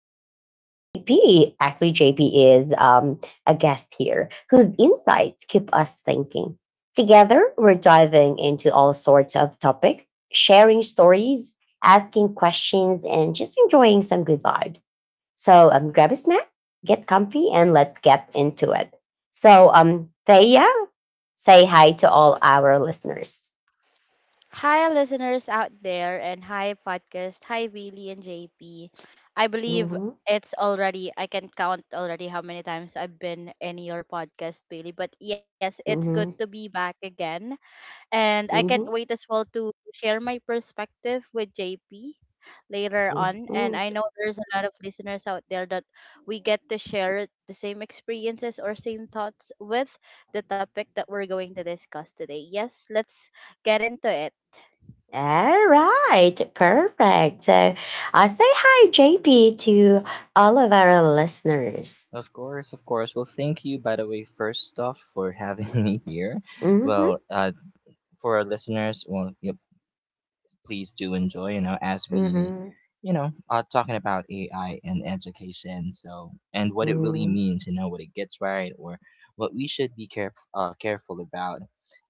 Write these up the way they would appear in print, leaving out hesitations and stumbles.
and JP. Actually, JP is a guest here whose insights keep us thinking. Together, we're diving into all sorts of topics, sharing stories, asking questions, and just enjoying some good vibe. So grab a snack, get comfy, and let's get into it. Thea, say hi to all our listeners. Hi, listeners out there, and hi, podcast. Hi, Bailey and JP. I believe Mhm. it's already, I can count already how many times I've been in your podcast, Bailey. But yes, it's good to Mhm. be back again. And I can't Mhm. wait as well to share my perspective with JP later on. And Mhm. I know there's a lot of listeners out there that we get to share the same experiences or same thoughts with the topic that we're going to discuss today. Yes, let's get into it. All right, perfect. So, say hi, JP, to all of our listeners. Of course, of course. Well, thank you, by the way, first off, for having me here. Mm-hmm. Well, for our listeners, well, yep, please do enjoy, as we, Mm-hmm. Are talking about AI and education, so, and what it really Mm. means, what it gets right, or what we should be careful about,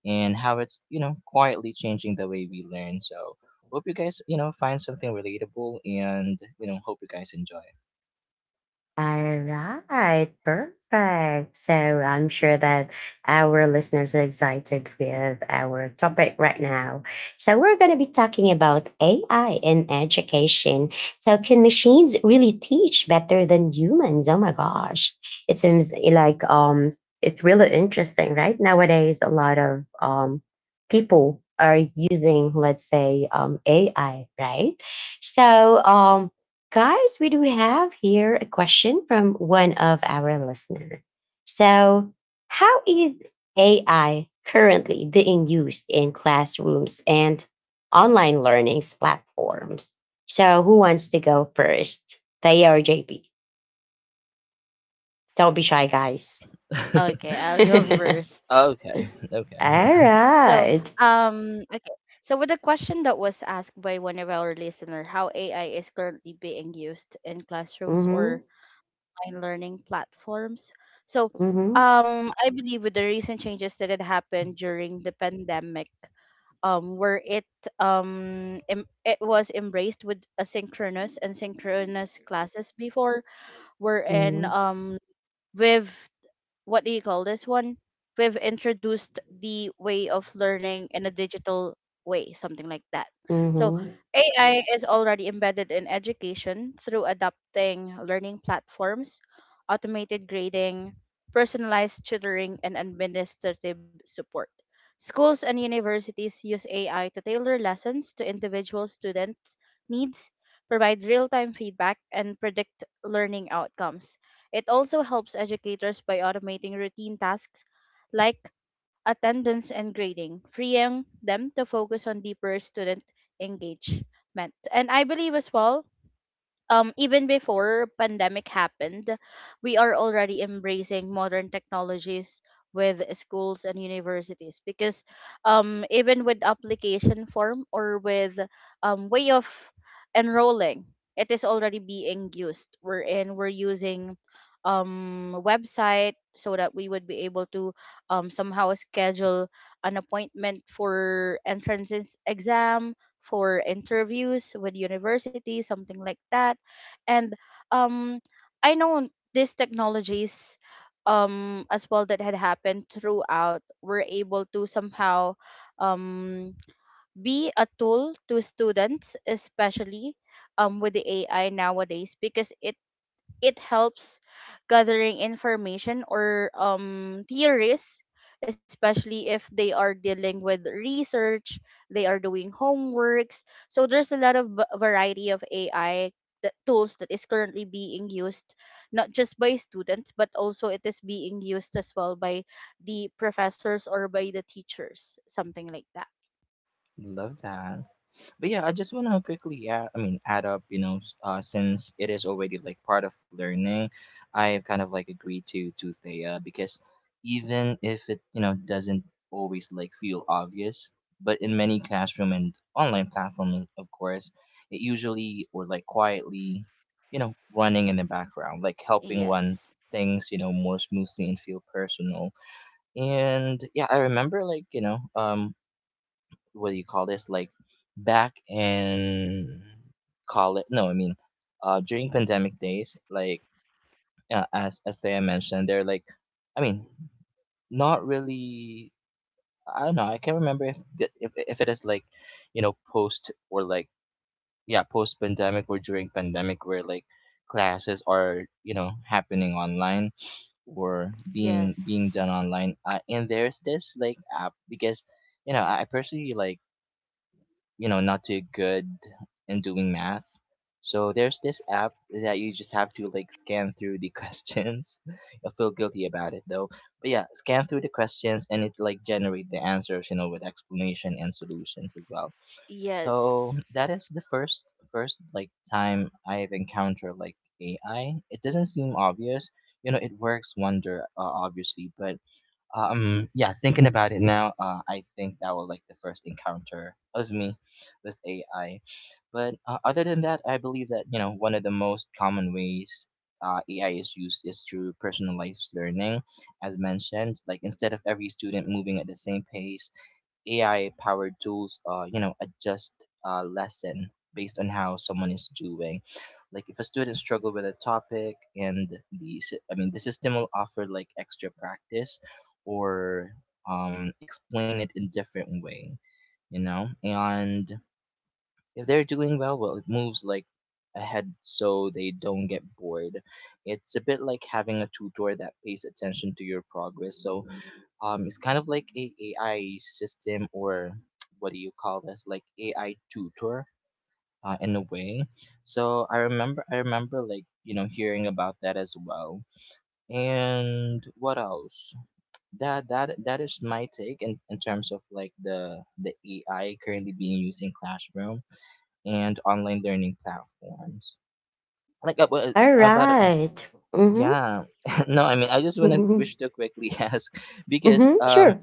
and how it's, quietly changing the way we learn. So, hope you guys, find something relatable, and, hope you guys enjoy. All right, perfect. So I'm sure that our listeners are excited with our topic right now. So we're going to be talking about AI in education. So can machines really teach better than humans? Oh my gosh. It seems like it's really interesting, right? Nowadays a lot of people are using let's say AI, right? So um Guys, we do have here a question from one of our listeners. So, how is AI currently being used in classrooms and online learning platforms? So, who wants to go first? Thea or JP? Don't be shy, guys. Okay, I'll All go first. Okay, okay. So, right. um, okay. So with the question that was asked by one of our listener, how AI is currently being used in classrooms or Mhm. online learning platforms. So, Mhm. I believe with the recent changes that had happened during the pandemic, um, where it it was embraced with asynchronous and synchronous classes before, wherein Mhm. With what do you call this one? We've introduced the way of learning in a digital way, something like that. So Mhm. AI is already embedded in education through adapting learning platforms, automated grading, personalized tutoring, and administrative support. Schools and universities use AI to tailor lessons individual students' needs, provide real time feedback, and predict learning outcomes. It also helps educators by automating routine tasks like attendance and grading, freeing them to focus on deeper student engagement. And I believe as well, even before pandemic happened, we are already embracing modern technologies with schools and universities because, even with application form or with, way of enrolling, it is already being used. We're using, website so that we would be able to, somehow schedule an appointment for entrance exam, for interviews with universities, something like that and um I know these technologies, as well that had happened throughout were able to somehow, um be a tool to students, especially with the AI nowadays, because it helps gathering information or, theories, especially if they are dealing with research, they are doing homeworks. So there's a lot of variety of AI, tools that is currently being used, not just by students, but also it is being used as well by the professors or by the teachers, something like that. Love that. But yeah, I just want to quickly yeah, I mean, add up, since it is already like part of learning, I've kind of like agreed to Thea because even if it, doesn't always like feel obvious, but in many classroom and online platforms, of course, it usually or like quietly, running in the background, like helping run Yes. things, more smoothly and feel personal. And yeah, I remember like, what do you call this? Like back in college no, I mean during pandemic days, like as they mentioned, they're like I mean, not really, I don't know, I can't remember if if it is like, post or like yeah, post pandemic or during pandemic where like classes are, happening online or being Yes. done online, and there's this like app because I personally like not too good in doing math. So there's this app that you just have to like scan through the questions. I feel guilty about it though, but yeah, scan through the questions and it like generate the answers, with explanation and solutions as well. So Yes. that is the first like time I've encountered like AI. It doesn't seem obvious. You know, it works wonder, obviously, but yeah, thinking about it now, I think that was like the first encounter of me with AI. But other than that, I believe that you know one of the most common ways, AI is used is through personalized learning, as mentioned. Like instead of every student moving at the same pace, AI powered tools, adjust a lesson based on how someone is doing. Like if a student struggled with a topic and the, sy- I mean, the system will offer like extra practice or explain it in different way, you know. And if they're doing well, well, it moves like ahead so they don't get bored. It's a bit like having a tutor that pays attention to your progress. So it's kind of like a AI system or what do you call this? Like AI tutor, in a way. So I remember like you know hearing about that as well. And what else? That is my take in terms of like the AI currently being used in classroom and online learning platforms. Like All about right. Mhm. yeah, no, I mean I just wanna Mhm. wish to quickly ask because Mhm. Sure.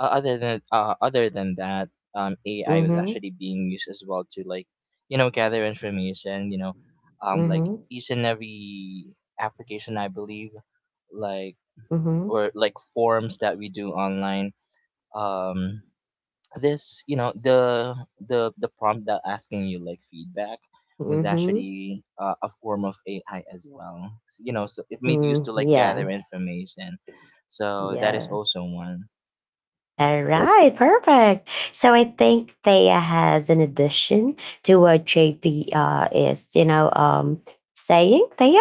other than other than that, AI was Mhm. actually being used as well to like, you know, gather information. You know, like Mhm. each and every application, I believe, like Mm-hmm. or like forms that we do online. Um, this you know the prompt that asking you like feedback was Mm-hmm. actually a form of AI as well. You know, so it made use Mm, to like gather yeah. information. So that is Yeah. also one. All right. Perfect. So I think Thea has an addition to what JP is, you know, saying. Thea,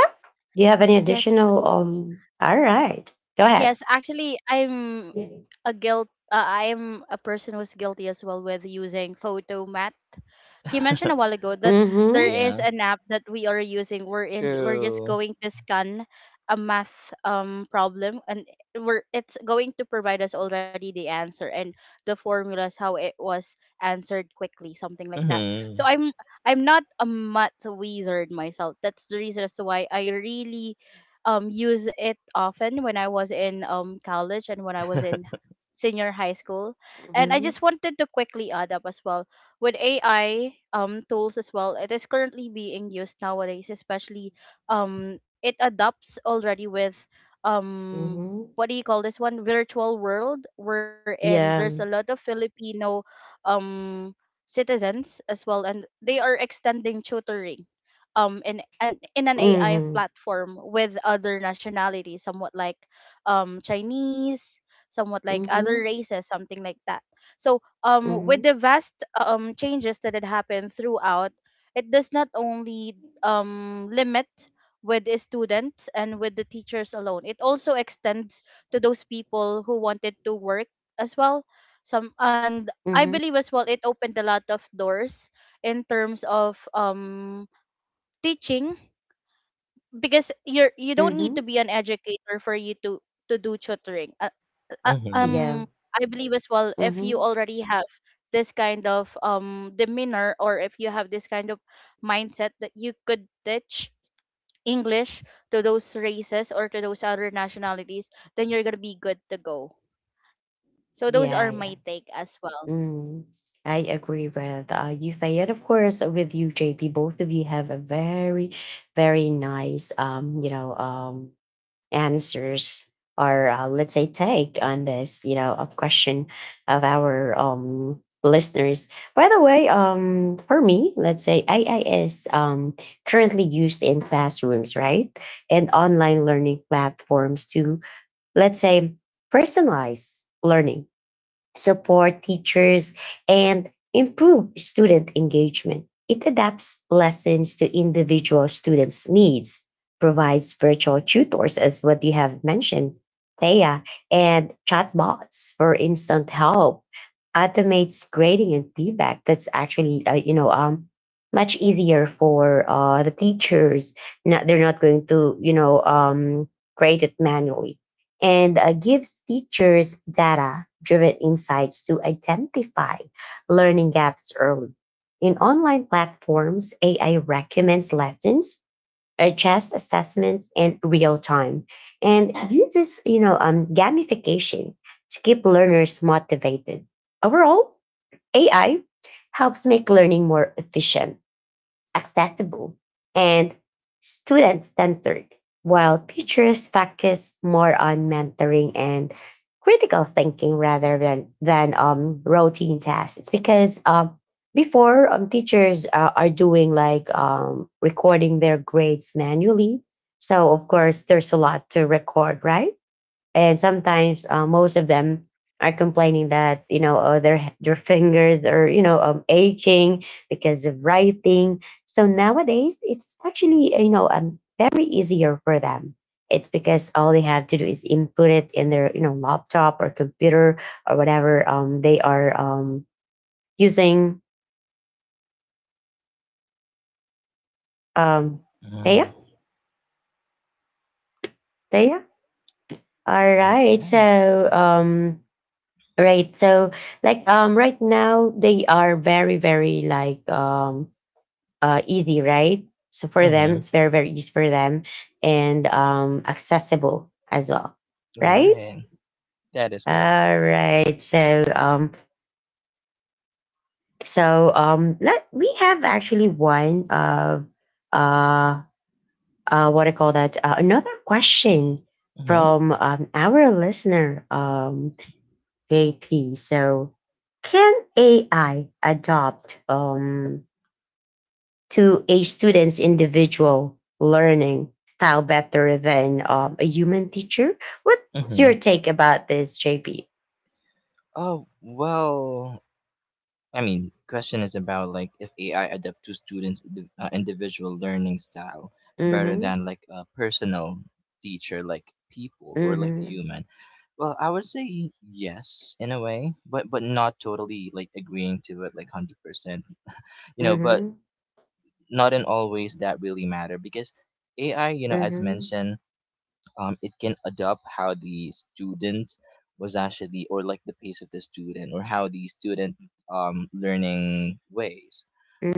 do you have any additional? Yes. All right. Go ahead. Yes, actually, Mm-hmm. I'm a person who's guilty as well with using photo he mentioned a while ago that there Mm-hmm. is Yeah. an app that we are using. We're in. We're just True. going to scan a math problem, and we're it's going to provide us already the answer and the formulas how it was answered quickly, something like that. So Mhm. I'm not a math wizard myself. That's the reason as to why I really use it often when I was in college and when I was in senior high school. And I just wanted to quickly add up as well with AI tools as well. It is currently being used nowadays, especially it adopts already with, um, Mm-hmm. what do you call this one? Virtual world, wherein there's a lot Yeah. of Filipino, um, citizens as well, and they are extending tutoring in an AI Mm-hmm. platform with other nationalities, somewhat like Chinese, somewhat like other Mm-hmm. races, something like that. So, with Mm-hmm. the vast, changes that had happened throughout, it does not only, limit with the students and with the teachers alone. It also extends to those people who wanted to work as well. Some and I Mm-hmm. believe as well it opened a lot of doors in terms of, teaching, because you don't need Mm-hmm. to be an educator for you to do tutoring. uh, Mhm. Yeah. um I believe as well if you Mm-hmm. already have this kind of demeanor, or if you have this kind of mindset that you could teach English to those races or to those other nationalities, then you're gonna be good to go. So those are Yeah. my take as well. Mm, I agree with you, Thayed. Of course, with you, JP, both of you have a very, very nice, answers or let's say take on this, a question of our listeners. By the way, for me, let's say AI is currently used in classrooms, right, and online learning platforms to let's say personalize learning support teachers, and improve student engagement. It adapts lessons to individual students' needs, provides virtual tutors, as what you have mentioned, Thea, and chatbots for instant help, automates grading and feedback. That's actually, much easier for the teachers. Not, they're not going to, grade it manually and gives teachers data driven insights to identify learning gaps early. In online platforms, AI recommends lessons, adjusts assessments in real time, and uses gamification to keep learners motivated. Overall, AI helps make learning more efficient accessible, and student centered, while teachers focus more on mentoring and critical thinking rather than, routine tasks. It's because before teachers are doing like recording their grades manually. So, of course, there's a lot to record, right? And sometimes most of them are complaining that their fingers are aching because of writing. So nowadays, it's actually very easier for them. It's because all they have to do is input it in their laptop or computer or whatever they are using. Um, Mm. yeah, yeah. All right. Okay. Right. So like right now they are very, very like easy, right? So for them, Mhm. it's very, very easy for them and accessible as well. Right? Right. That is correct. All right. So let we have actually one of uh what I call that another question Mhm. from our listener. JP. So, can AI adopt to a student's individual learning style better than a human teacher? What's your Mhm. take about this, JP? Oh well. I mean, question is about like if AI adapt to students' individual learning style better Mm-hmm. than like a personal teacher, like people or like a Mm-hmm. human. Well, I would say yes in a way, but not totally like agreeing to it like 100%. You know, but Mm-hmm. not in all ways that really matter because AI, you know, as Mm-hmm. mentioned, it can adopt how the student was actually, or like the pace of the student, or how the student learning ways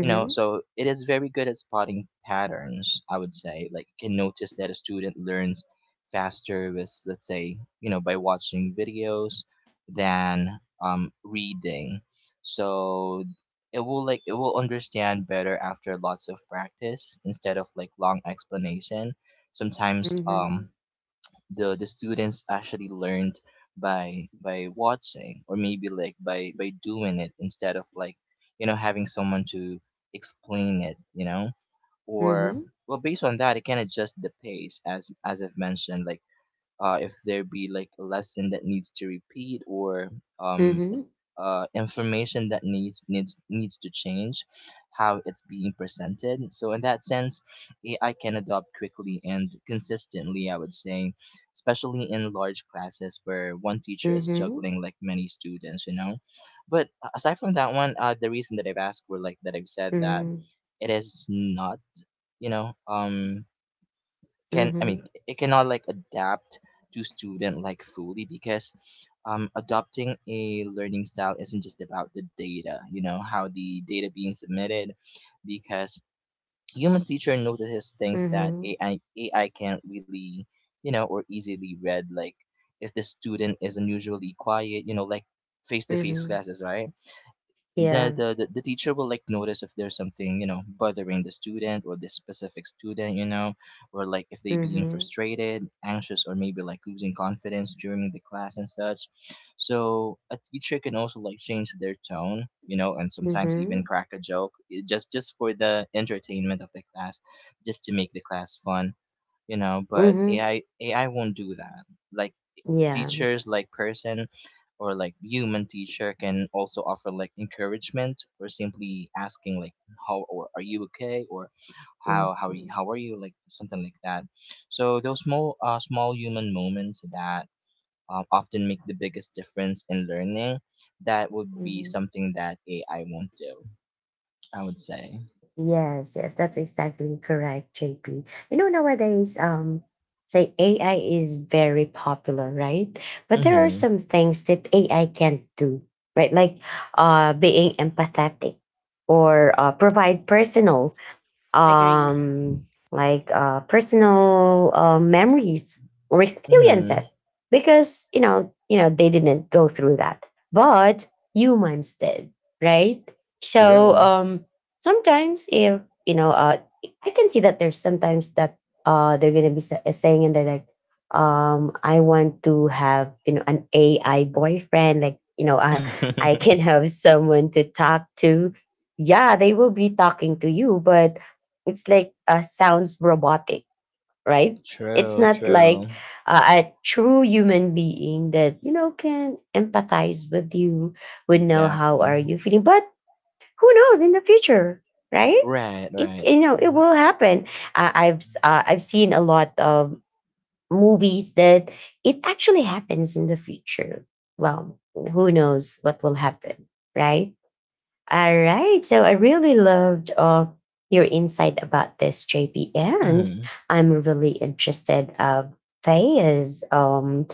you know so it is very good at spotting patterns. I would say like you can notice that a student learns faster with let's say you know by watching videos than reading. So it will like it will understand better after lots of practice instead of like long explanation sometimes. The students actually learned by watching or maybe like by doing it instead of like you know having someone to explain it, you know. Or Mm-hmm. well based on that it can adjust the pace as I've mentioned. Like if there be like a lesson that needs to repeat or Mm-hmm. um, it- Mm-hmm. Information that needs to change how it's being presented. So in that sense AI can adopt quickly and consistently, I would say, especially in large classes where one teacher is Mm-hmm. juggling like many students, you know. But aside from that one, the reason that I've asked were like that I've said that Mm-hmm. it is not you know can I Mm-hmm. mean it cannot like adapt to student like fully because adopting a learning style isn't just about the data, you know, how the data being submitted because human teacher notices things that Mm-hmm. ai can't really you know or easily read. Like if the student is unusually quiet, you know, like face-to-face Mm-hmm. classes, right, the, Yeah. the the the teacher will like notice if there's something you know bothering the student or this specific student, you know, or like if they being Mm-hmm. frustrated, anxious, or maybe like losing confidence during the class and such. So a teacher can also like change their tone, you know, and sometimes Mm-hmm. even crack a joke, just for the entertainment of the class, just to make the class fun, you know. But Mm-hmm. ai won't do that. Like Yeah. teachers like person or like human teacher can also offer like encouragement or simply asking like how or are you okay or Mm-hmm. How are you, like something like that. So those small small human moments that often make the biggest difference in learning, that would be Mm-hmm. something that ai won't do, I would say. Yes, yes, that's exactly correct, JP. You know, nowadays, say AI is very popular, right? But there are Mhm. some things that AI can't do, right? Like being empathetic or provide personal Agree. um, like personal memories or Mhm. experiences because you know they didn't go through that but humans did, right? So True. Sometimes if you know uh I can see that there's sometimes that they're gonna be saying and they're like I want to have you know an AI boyfriend like you know I can have someone to talk to, yeah, they will be talking to you but it's like sounds robotic, right? It's True, not true. like a true human being that you know can empathize with you, would know how Exactly. are you feeling but who knows in the future, right? Right, It right. you know it will happen. I've seen a lot of movies that it actually happens in the future. Well, who knows what will happen, right? All right. So I really loved your insight about this, JP, and Mhm. I'm really interested of Thea's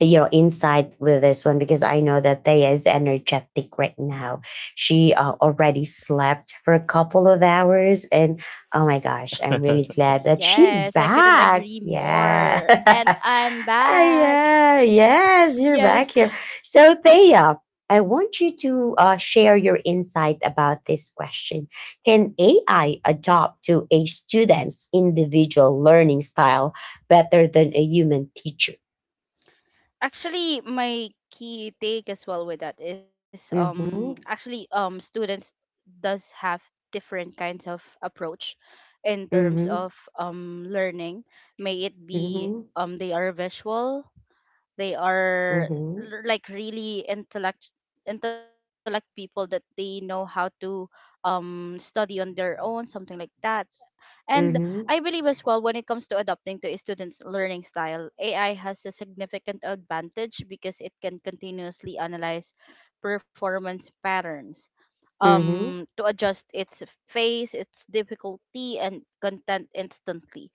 you know insight with this one because I know that Thea is energetic right now. She already slept for a couple of hours, and oh my gosh, I'm really glad that she's Yes, I couldn't back. agree more. And Yeah. I'm Ah back. yeah, yes, you're Yes. back here. So, Thea, I want you to share your insight about this question. Can AI adopt to a student's individual learning style better than a human teacher? Actually, my key take as well with that is Mm-hmm. actually students does have different kinds of approach in terms Mm-hmm. of learning. May it be Mm-hmm. They are visual, they are Mm-hmm. Like really intellect people that they know how to study on their own, something like that. And I Mm-hmm. believe as well when it comes to adapting to a student's learning style, AI has a significant advantage because it can continuously analyze performance patterns Mm-hmm. To adjust its phase, its difficulty and content instantly.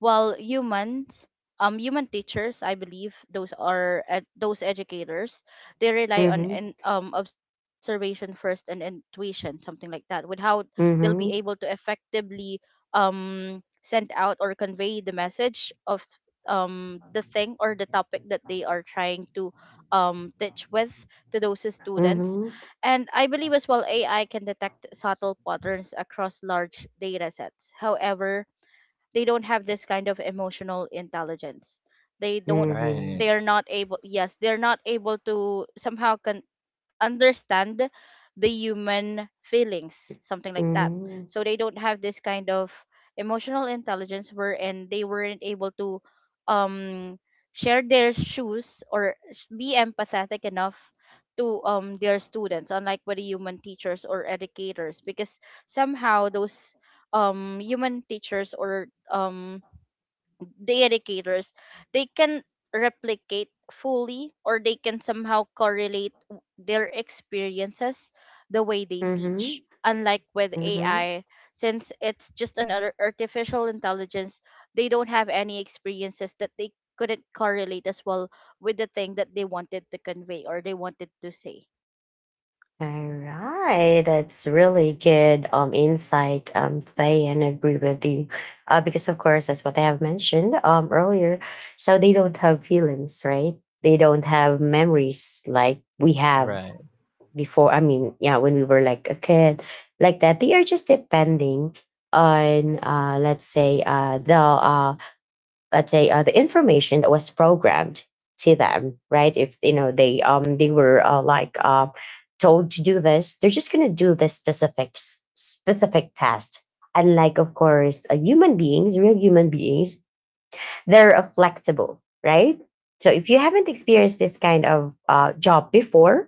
While humans, human teachers, I believe those are those educators, they rely on Mm-hmm. Observation first and intuition, something like that. Without they'll be able to Mm-hmm. effectively send out or convey the message of the thing or the topic that they are trying to teach with to those Mm-hmm. students. Mm-hmm. And I believe as well AI can detect subtle patterns across large data sets. However, they don't have this kind of emotional intelligence. they don't Mm-hmm. Right, they are not able. Yes, they're not able to somehow can understand the human feelings, something like that. Mm-hmm. So they don't have this kind of emotional intelligence where and they weren't able to um share their shoes or be empathetic enough to their students, unlike with the human teachers or educators, because somehow those, human teachers or the educators, they can replicate fully or they can somehow correlate their experiences the way they teach, unlike with Mm-hmm. AI, since it's just another artificial intelligence. They don't have any experiences that they couldn't correlate as well with the thing that they wanted to convey or they wanted to say. All right, that's really good insight, Faye, and I agree with you. Because, of course, that's what I have mentioned earlier. So they don't have feelings, right? They don't have memories like we have right. before. I mean, yeah, when we were like a kid, like that. They are just depending on, let's say, the let's say the information that was programmed to them, right? If you know they were told to do this, they're just going to do this specific task. Unlike, of course, human beings, real human beings, they're flexible, right? So if you haven't experienced this kind of job before,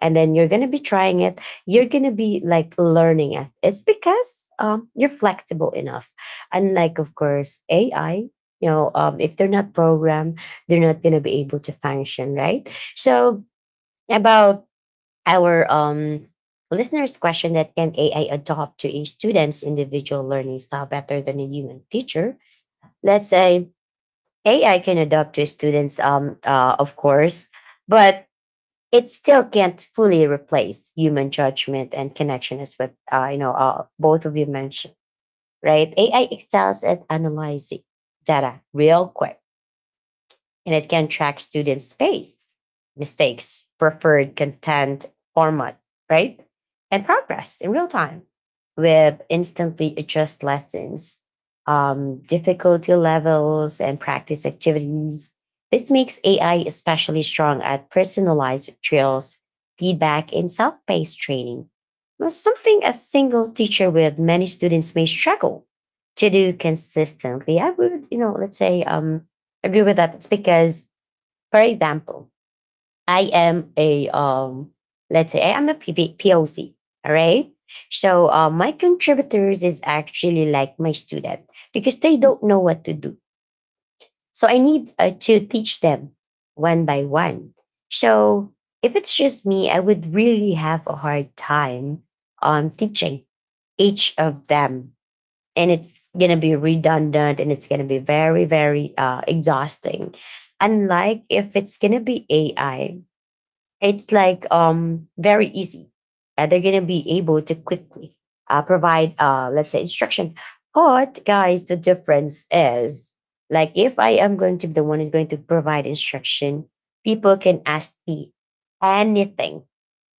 and then you're gonna be trying it, you're gonna be like learning it. It's because you're flexible enough. Unlike, of course, AI. You know, if they're not programmed, they're not gonna be able to function, right? So about our listeners' question that can AI adopt to a student's individual learning style better than a human teacher? Let's say AI can adapt to students, of course, but it still can't fully replace human judgment and connection, as what both of you mentioned, right? AI excels at analyzing data real quick and it can track students' pace, mistakes, preferred content format, right? And progress in real time with instantly adjust lessons, difficulty levels, and practice activities. This makes AI especially strong at personalized drills, feedback, and self paced training. Now, something a single teacher with many students may struggle to do consistently. I would, let's say agree with that. It's because, for example, I am a let's say I am a PP- All right. So my contributors is actually like my student because they don't know what to do. So I need to teach them one by one. So if it's just me, I would really have a hard time teaching each of them and it's going to be redundant and it's going to be very very exhausting unlike if it's going to be AI. It's like very easy. They're going to be able to quickly provide let's say instruction but guys the difference is, like if I am going to be the one who's going to provide instruction, people can ask me anything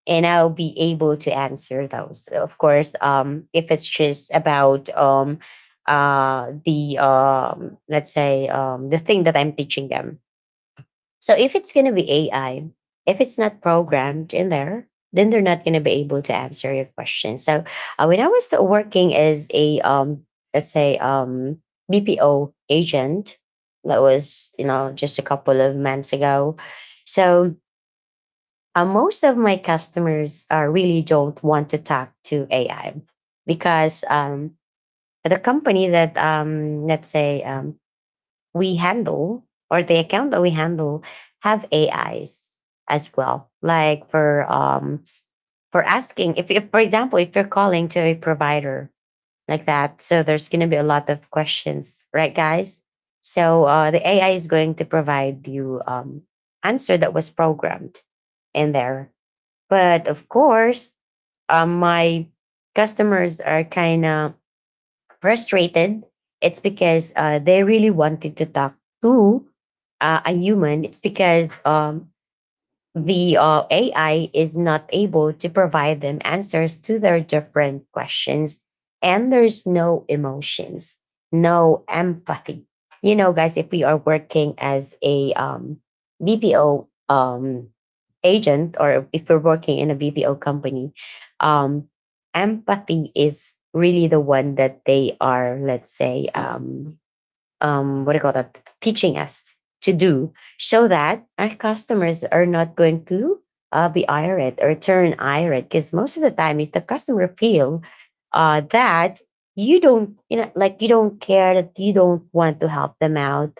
and I'll be able to answer those. Of course, if it's just about the let's say the thing that I'm teaching them. So if it's gonna be AI, if it's not programmed in there, then they're not gonna be able to answer your question. So when I was working as a let's say BPO agent, that was you know just a couple of months ago. So most of my customers really don't want to talk to AI because the company that, we handle or the account that we handle have AIs as well. Like for asking, if for example, if you're calling to a provider like that, so there's going to be a lot of questions, right, guys? So the AI is going to provide you answer that was programmed in there but of course, my customers are kind of frustrated. It's because they really wanted to talk to a human. It's because the AI is not able to provide them answers to their different questions. And there's no emotions, no empathy. You know, guys, if we are working as a BPO agent, or if we're working in a BPO company, um, empathy is really the one that they are, let's say, what do you call that? Teaching us to do so that our customers are not going to be irate or turn irate. Because most of the time, if the customer feel that you don't, you know, like you don't care, that you don't want to help them out,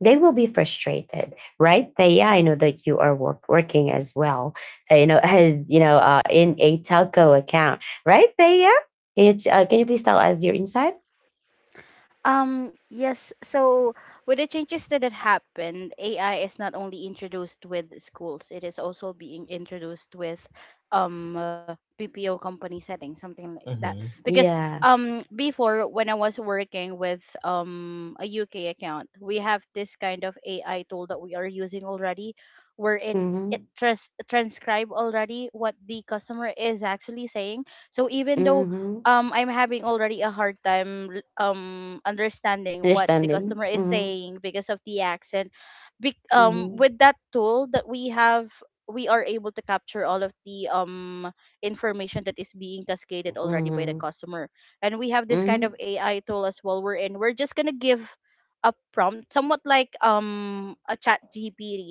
they will be frustrated, right? Yeah, I know that you are working as well, you know, in a telco account, right? Yeah. Can you please tell us your insight? Yes, so with the changes that had happened, AI is not only introduced with schools, it is also being introduced with PPO company setting, something like that. Mm-hmm. Because Yeah. Before, when I was working with a UK account, we have this kind of AI tool that we are using already, wherein it Mm-hmm. Transcribe already what the customer is actually saying. So even though, Mm-hmm. I'm having already a hard time understanding what the Understanding. customer is Mhm. saying because of the accent. Mhm. With that tool that we have, we are able to capture all of the information that is being cascaded already by the Mhm. customer. And we have this kind of Mhm. AI tool as well. We're in. We're just gonna give a prompt, somewhat like a chat GPT,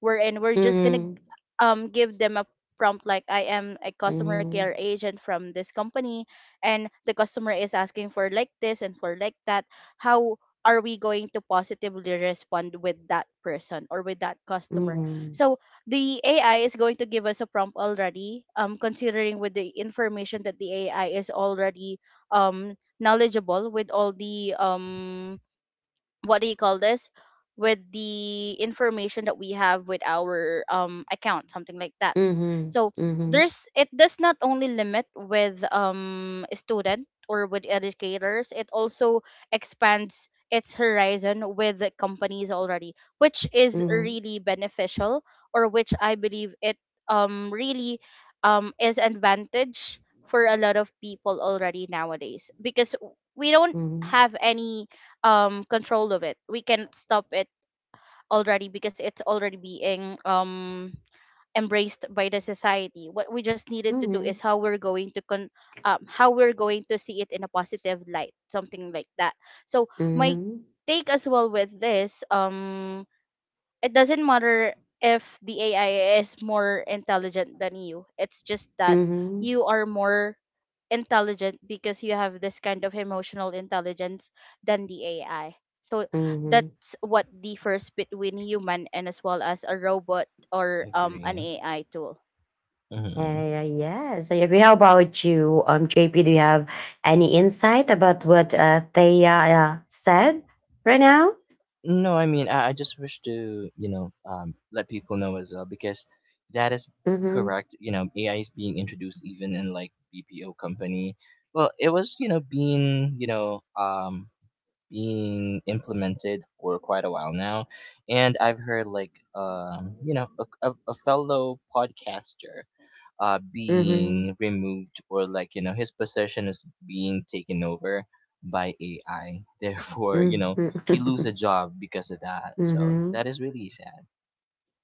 wherein we're just gonna Mhm. Give them a prompt like, I am a customer care agent from this company and the customer is asking for like this and for like that. How are we going to positively respond with that person or with that customer? Mhm. So the AI is going to give us a prompt already, considering with the information that the AI is already, um knowledgeable with all the what do you call this, with the information that we have with our account, something like that. Mhm. So Mhm. there's it does not only limit with a student or with educators, it also expands its horizon with the companies already, which is Mhm. really beneficial, or which I believe it really is advantage for a lot of people already nowadays, because we don't Mhm. have any control of it. We can stop it already because it's already being embraced by the society. What we just needed to Mhm. do is Mhm. how we're going to con how we're going to see it in a positive light, something like that. So my Mhm. take as well with this, it doesn't matter if the AI is more intelligent than you. It's just that Mhm. you are more intelligent because you have this kind of emotional intelligence than the AI. So Mhm. that's what differs between human and as well as a robot or an Agree. AI tool. Mm-hmm. Yeah, yeah, yes, I agree. How about you, JP? Do you have any insight about what Thea said right now? No, I mean, I just wish to, you know, let people know as well because that is Mm-hmm. correct. You know, AI is being introduced even in like BPO company. Well, it was, you know, being, being implemented for quite a while now, and I've heard like, a fellow podcaster Mm-hmm. being removed or like you know his possession is being taken over by AI. Therefore, you know, he lose a job because of that. So Mm-hmm. that is really sad.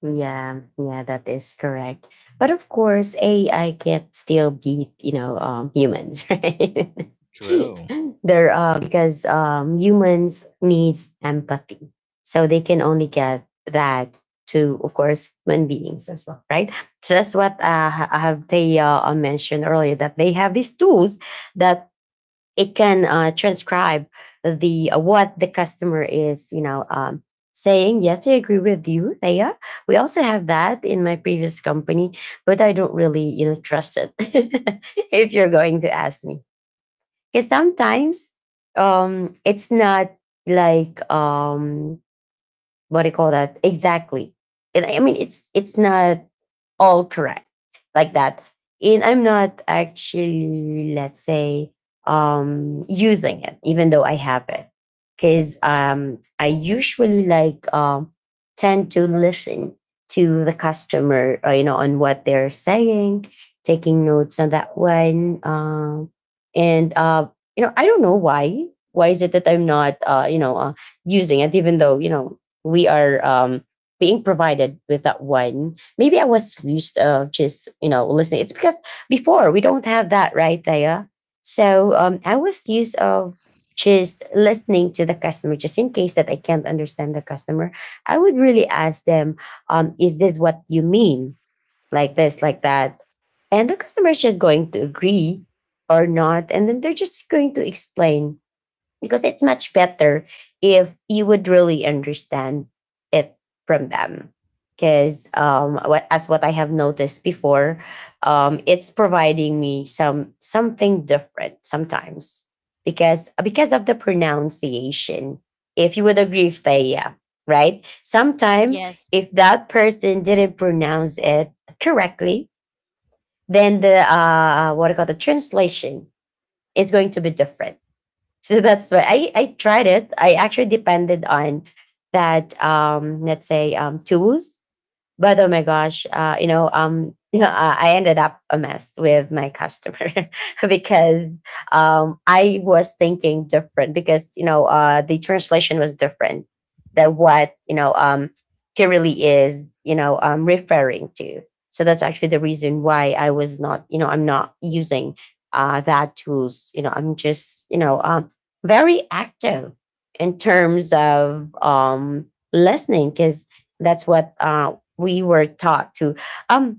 Yeah, yeah, that is correct. But of course, AI can't still beat, you know, humans, right? True. They're Because humans needs empathy, so they can only get that to, of course, human beings as well, right? So that's what I have they mentioned earlier, that they have these tools that it can transcribe the what the customer is, saying. Yes, I agree with you, Thea. We also have that in my previous company, but I don't really, you know, trust it. If you're going to ask me, because sometimes it's not like what do you call that? Exactly. It's not all correct like that. And I'm not actually, let's say, using it, even though I have it, because I usually like tend to listen to the customer, you know, on what they're saying, taking notes on that one, and you know, I don't know why. Why is it that I'm not, you know, using it, even though you know we are being provided with that one? Maybe I was used of just, you know, listening. It's because before we don't have that, right, Thea? So I was used of just listening to the customer. Just in case that I can't understand the customer, I would really ask them, "Is this what you mean? Like this, like that?" And the customer is just going to agree or not, and then they're just going to explain, because it's much better if you would really understand it from them. Because as what I have noticed before, it's providing me something different sometimes, because of the pronunciation, if you would agree with, yeah, right. Sometime, Yes. if that person didn't pronounce it correctly, then the what I call the translation is going to be different. So that's why I tried it. I actually depended on that, let's say tools. But oh my gosh, you know, I ended up a mess with my customer. Because I was thinking different, because you know the translation was different than what, you know, she really is, you know, referring to. So that's actually the reason why I was not, you know, I'm not using that tools. You know, I'm just, you know, very active in terms of listening, because that's what we were taught to um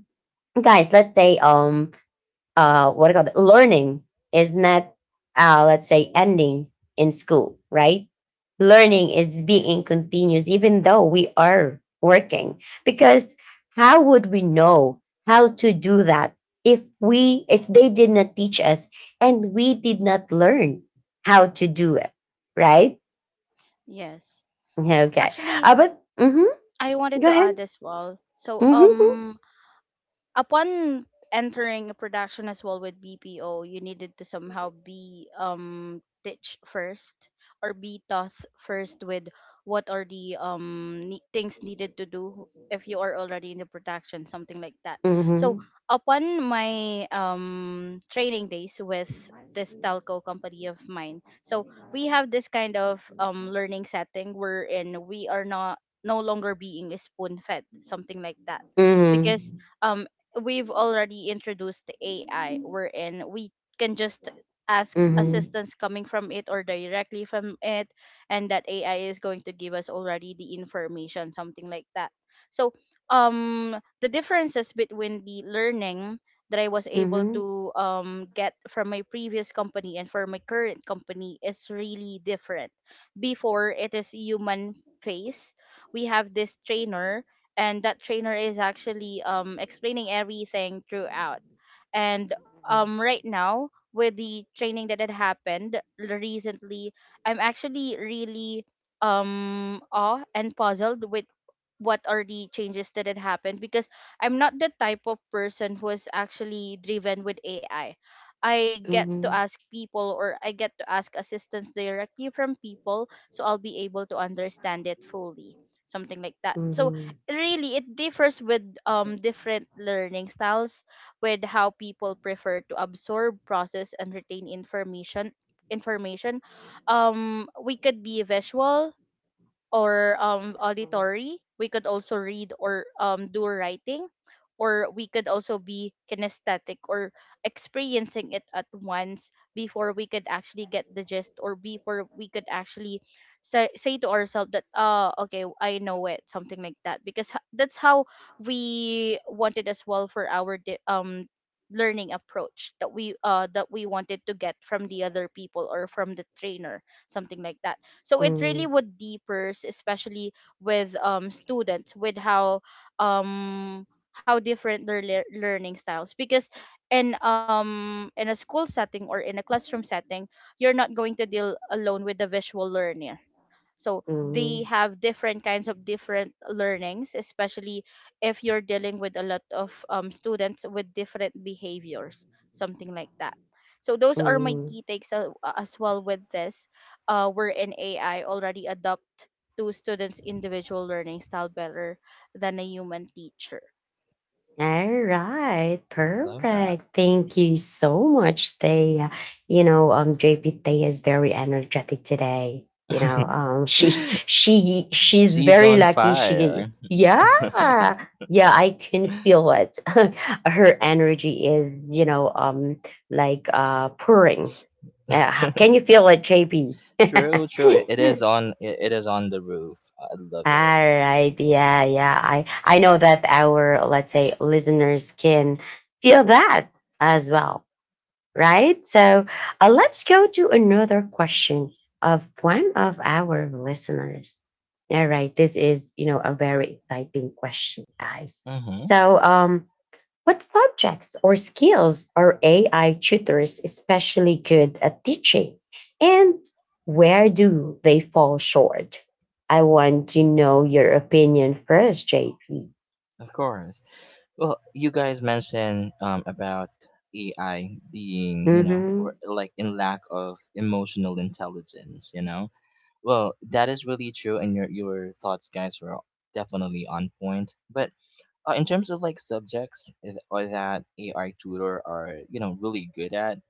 guys, let's say, what I call it, learning is not, let's say, ending in school, right? Learning is being Yes. continuous even though we are working, because how would we know how to do that if we if they did not teach us and we did not learn how to do it, right? Yes. Okay. Actually, But mhm, I wanted go to ahead. add as well. So Hmm. Upon entering a production as well with BPO, you needed to somehow be teach first or be taught first with what are the things needed to do if you are already in the production, something like that. So upon my training days with this telco company of mine, so we have this kind of learning setting wherein we are not no longer being spoon fed, something like that, Mhm. because um we've already introduced the AI, wherein we can just ask Mhm. assistance coming from it or directly from it, and that AI is going to give us already the information, something like that. So the differences between the learning that I was able Mhm. to get from my previous company and for my current company is really different. Before it is human face. We have this trainer and that trainer is actually explaining everything throughout and right now, with the training that had happened recently, I'm actually really awe and puzzled with what are the changes that had happened because I'm not the type of person who is actually driven with AI. I get to Mhm. ask people or I get to ask assistance directly from people so I'll be able to understand it fully. Something like that. So Mhm. really it differs with different learning styles with how people prefer to absorb, process, and retain information. Um, we could be visual or auditory. We could also read or do writing, or we could also be kinesthetic, or experiencing it at once before we could actually get the gist, or before we could actually say to ourselves that oh, okay, I know it, something like that, because that's how we wanted as well for our learning approach that we wanted to get from the other people or from the trainer, something like that. So it really Mhm. would deepers, especially with students, with um how different their learning styles, because in a school setting or in a classroom setting, you're not going to deal alone with the visual learner, so they Mhm. have different kinds of different learnings, especially if you're dealing with a lot of students with different behaviors, something like that. So those are my Mhm. key takes as well with this. We're in AI already adopt to students' individual learning style better than a human teacher. All right, Love that. perfect. Thank you so much, Thea. You know, JP, Thea is very energetic today. You know, she's She's very on lucky. She fire. yeah, yeah, I can feel it. Her energy is, you know, like pouring. Yeah, how can you feel it, JP? True, true. It All is on it is on the roof. I love it. right, yeah, yeah. I know that our, let's say, listeners can feel that as well, right? So let's go to another question of one of our listeners. All right, this is, you know, a very exciting question, guys. Mhm. So what subjects or skills are AI tutors especially good at teaching? And where do they fall short? I want to know your opinion first, JP. Of course. Well, you guys mentioned about AI being, you know, or Mhm. like in lack of emotional intelligence, you know. Well, that is really true, and your thoughts, guys, were definitely on point. But in terms of like subjects or that AI tutor are, you know, really good at,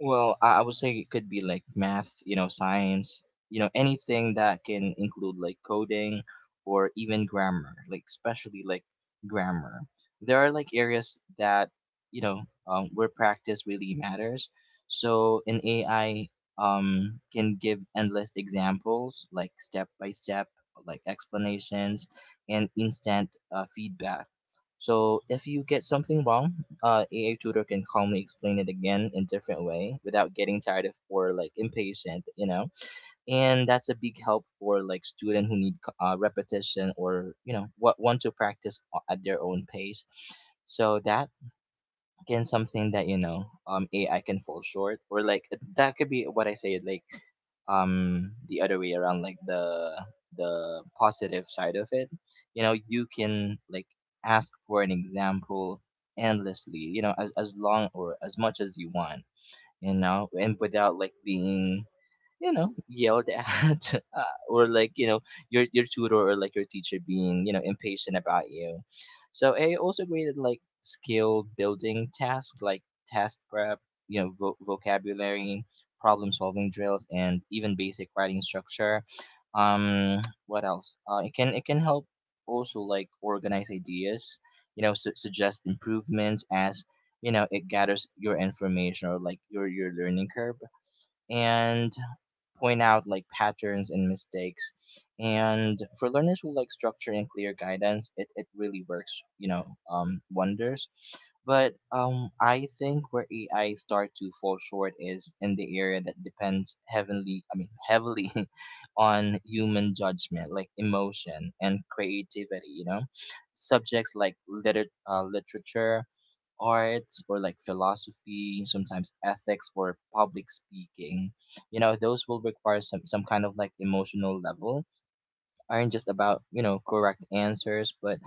well, I would say it could be like math, you know, science, you know, anything that can include like coding or even grammar, like especially like grammar. There are like areas that, you know, where practice really matters. So an AI can give endless examples, like step by step, like explanations and instant feedback. So if you get something wrong, AI tutor can calmly explain it again in different way without getting tired of or like impatient, you know. And that's a big help for like student who need repetition or you know what want to practice at their own pace. So that can something that AI can fall short, or like that could be what I say like, the other way around, like the positive side of it. You know, you can like ask for an example endlessly, you know, as long or as much as you want, you know, and without like being, you know, yelled at or like, you know, your tutor or like your teacher being, you know, impatient about you. So I also graded like skill building tasks like task prep, you know, vocabulary, problem solving drills, and even basic writing structure. um what else, it can, it can help also like organize ideas, you know, suggest improvements as, you know, it gathers your information or like your learning curve and point out like patterns and mistakes. And for learners who like structure and clear guidance, it really works, you know, wonders. But I think where AI start to fall short is in the area that depends heavily, I mean heavily, on human judgment, like emotion and creativity, you know. Subjects like literature, arts, or like philosophy, sometimes ethics or public speaking, you know, those will require some kind of like emotional level, aren't just about, you know, correct answers, but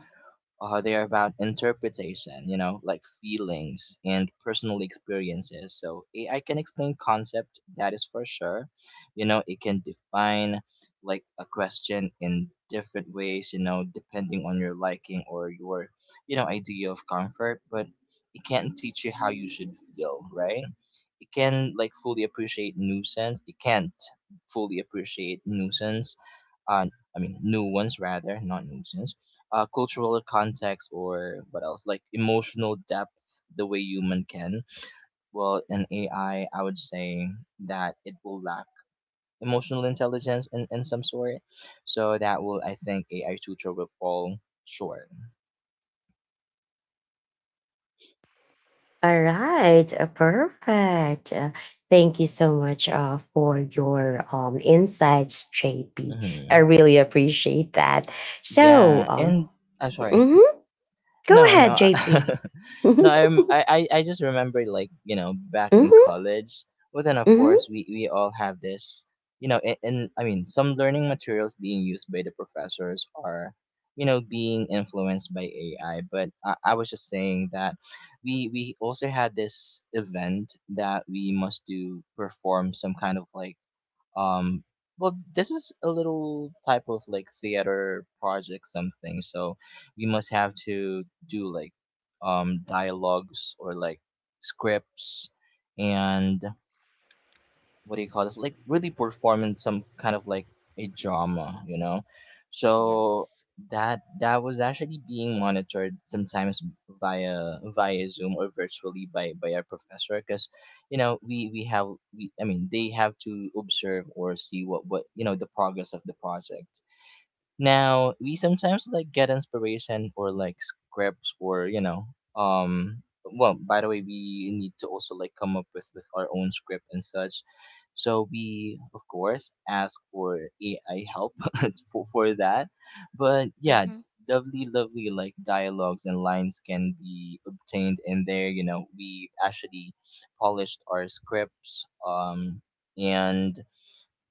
they are about interpretation, you know, like feelings and personal experiences. So AI can explain concept, that is for sure. You know, it can define like a question in different ways, you know, depending on your liking or your, you know, idea of comfort, but it can't teach you how you should feel, right? It can like fully appreciate nuisance. It can't fully appreciate nuisance. Uh, I mean, new ones rather, not nuisance, cultural context, or what else like emotional depth the way human can. Well, in AI I would say that it will lack emotional intelligence in some sort. So that will, I think, AI tutor will fall short. All right, perfect. Thank you so much for your insights, JP. I Hmm. really appreciate that. So, Yeah, and I'm sorry. mhm. Go No, ahead, no, JP. no. I'm, Mhm. I, I, I just remember like, you know, back in Mhm. college. But then of Mhm. course we all have this, you know, and I mean some learning materials being used by the professors are, you know, being influenced by AI. But I was just saying that we also had this event that we must do perform some kind of like, um well, this is a little type of like theater project something. So we must have to do like dialogues or like scripts and what do you call this like really performing some kind of like a drama, you know. So Yes. that that was actually being monitored sometimes via Zoom or virtually by our professor, because you know we have, we I mean they have to observe or see what you know the progress of the project. Now we sometimes like get inspiration or like scripts, or you know, um well, by the way, we need to also like come up with our own script and such. So we of course ask for AI help for that. But yeah, Mm-hmm. lovely like dialogues and lines can be obtained in there, you know. We actually polished our scripts, and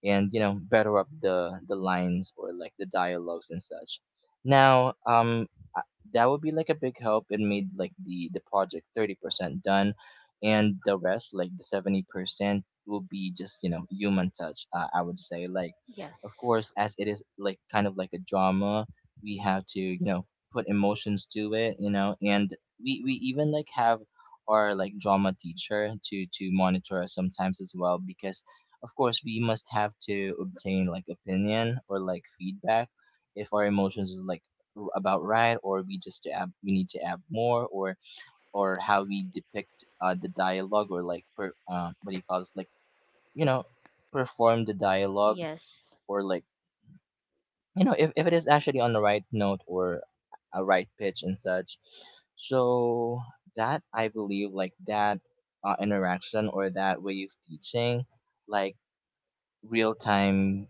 and you know, better up the lines or like the dialogues and such. now um I- that would be like a big help. It made like the project 30% done, and the rest like the 70% will be just, you know, human touch, I would say. Like, of Yes. course, as it is like kind of like a drama, we have to, you know, put emotions to it, you know, and we even like have our like drama teacher to monitor us sometimes as well, because of course we must have to obtain like opinion or like feedback if our emotions is like about right, or we just to add, we need to add more, or how we depict the dialogue, or like per, what do you call this, like, you know, perform the dialogue, Yes. or like, you know, if it is actually on the right note or a right pitch and such. So that I believe like that, interaction or that way of teaching, like real time,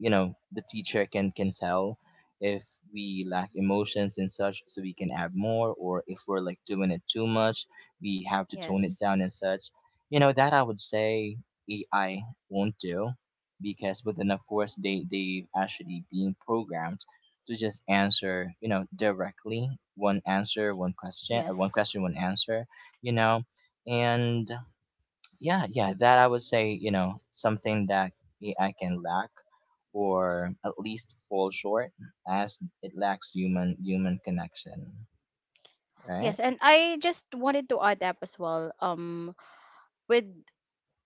you know, the teacher can tell if we lack emotions and such, so we can add more, or if we're like doing it too much, we have to tone it Yes. down and such. You know, that I would say AI won't do, because but then of course they they've actually been programmed to just answer, you know, directly. One answer, one question, one Yes. question, one answer, you know. And yeah, yeah, that I would say, you know, something that A I can lack or at least fall short, as it lacks human connection, right? Yes, and I just wanted to add up as well. With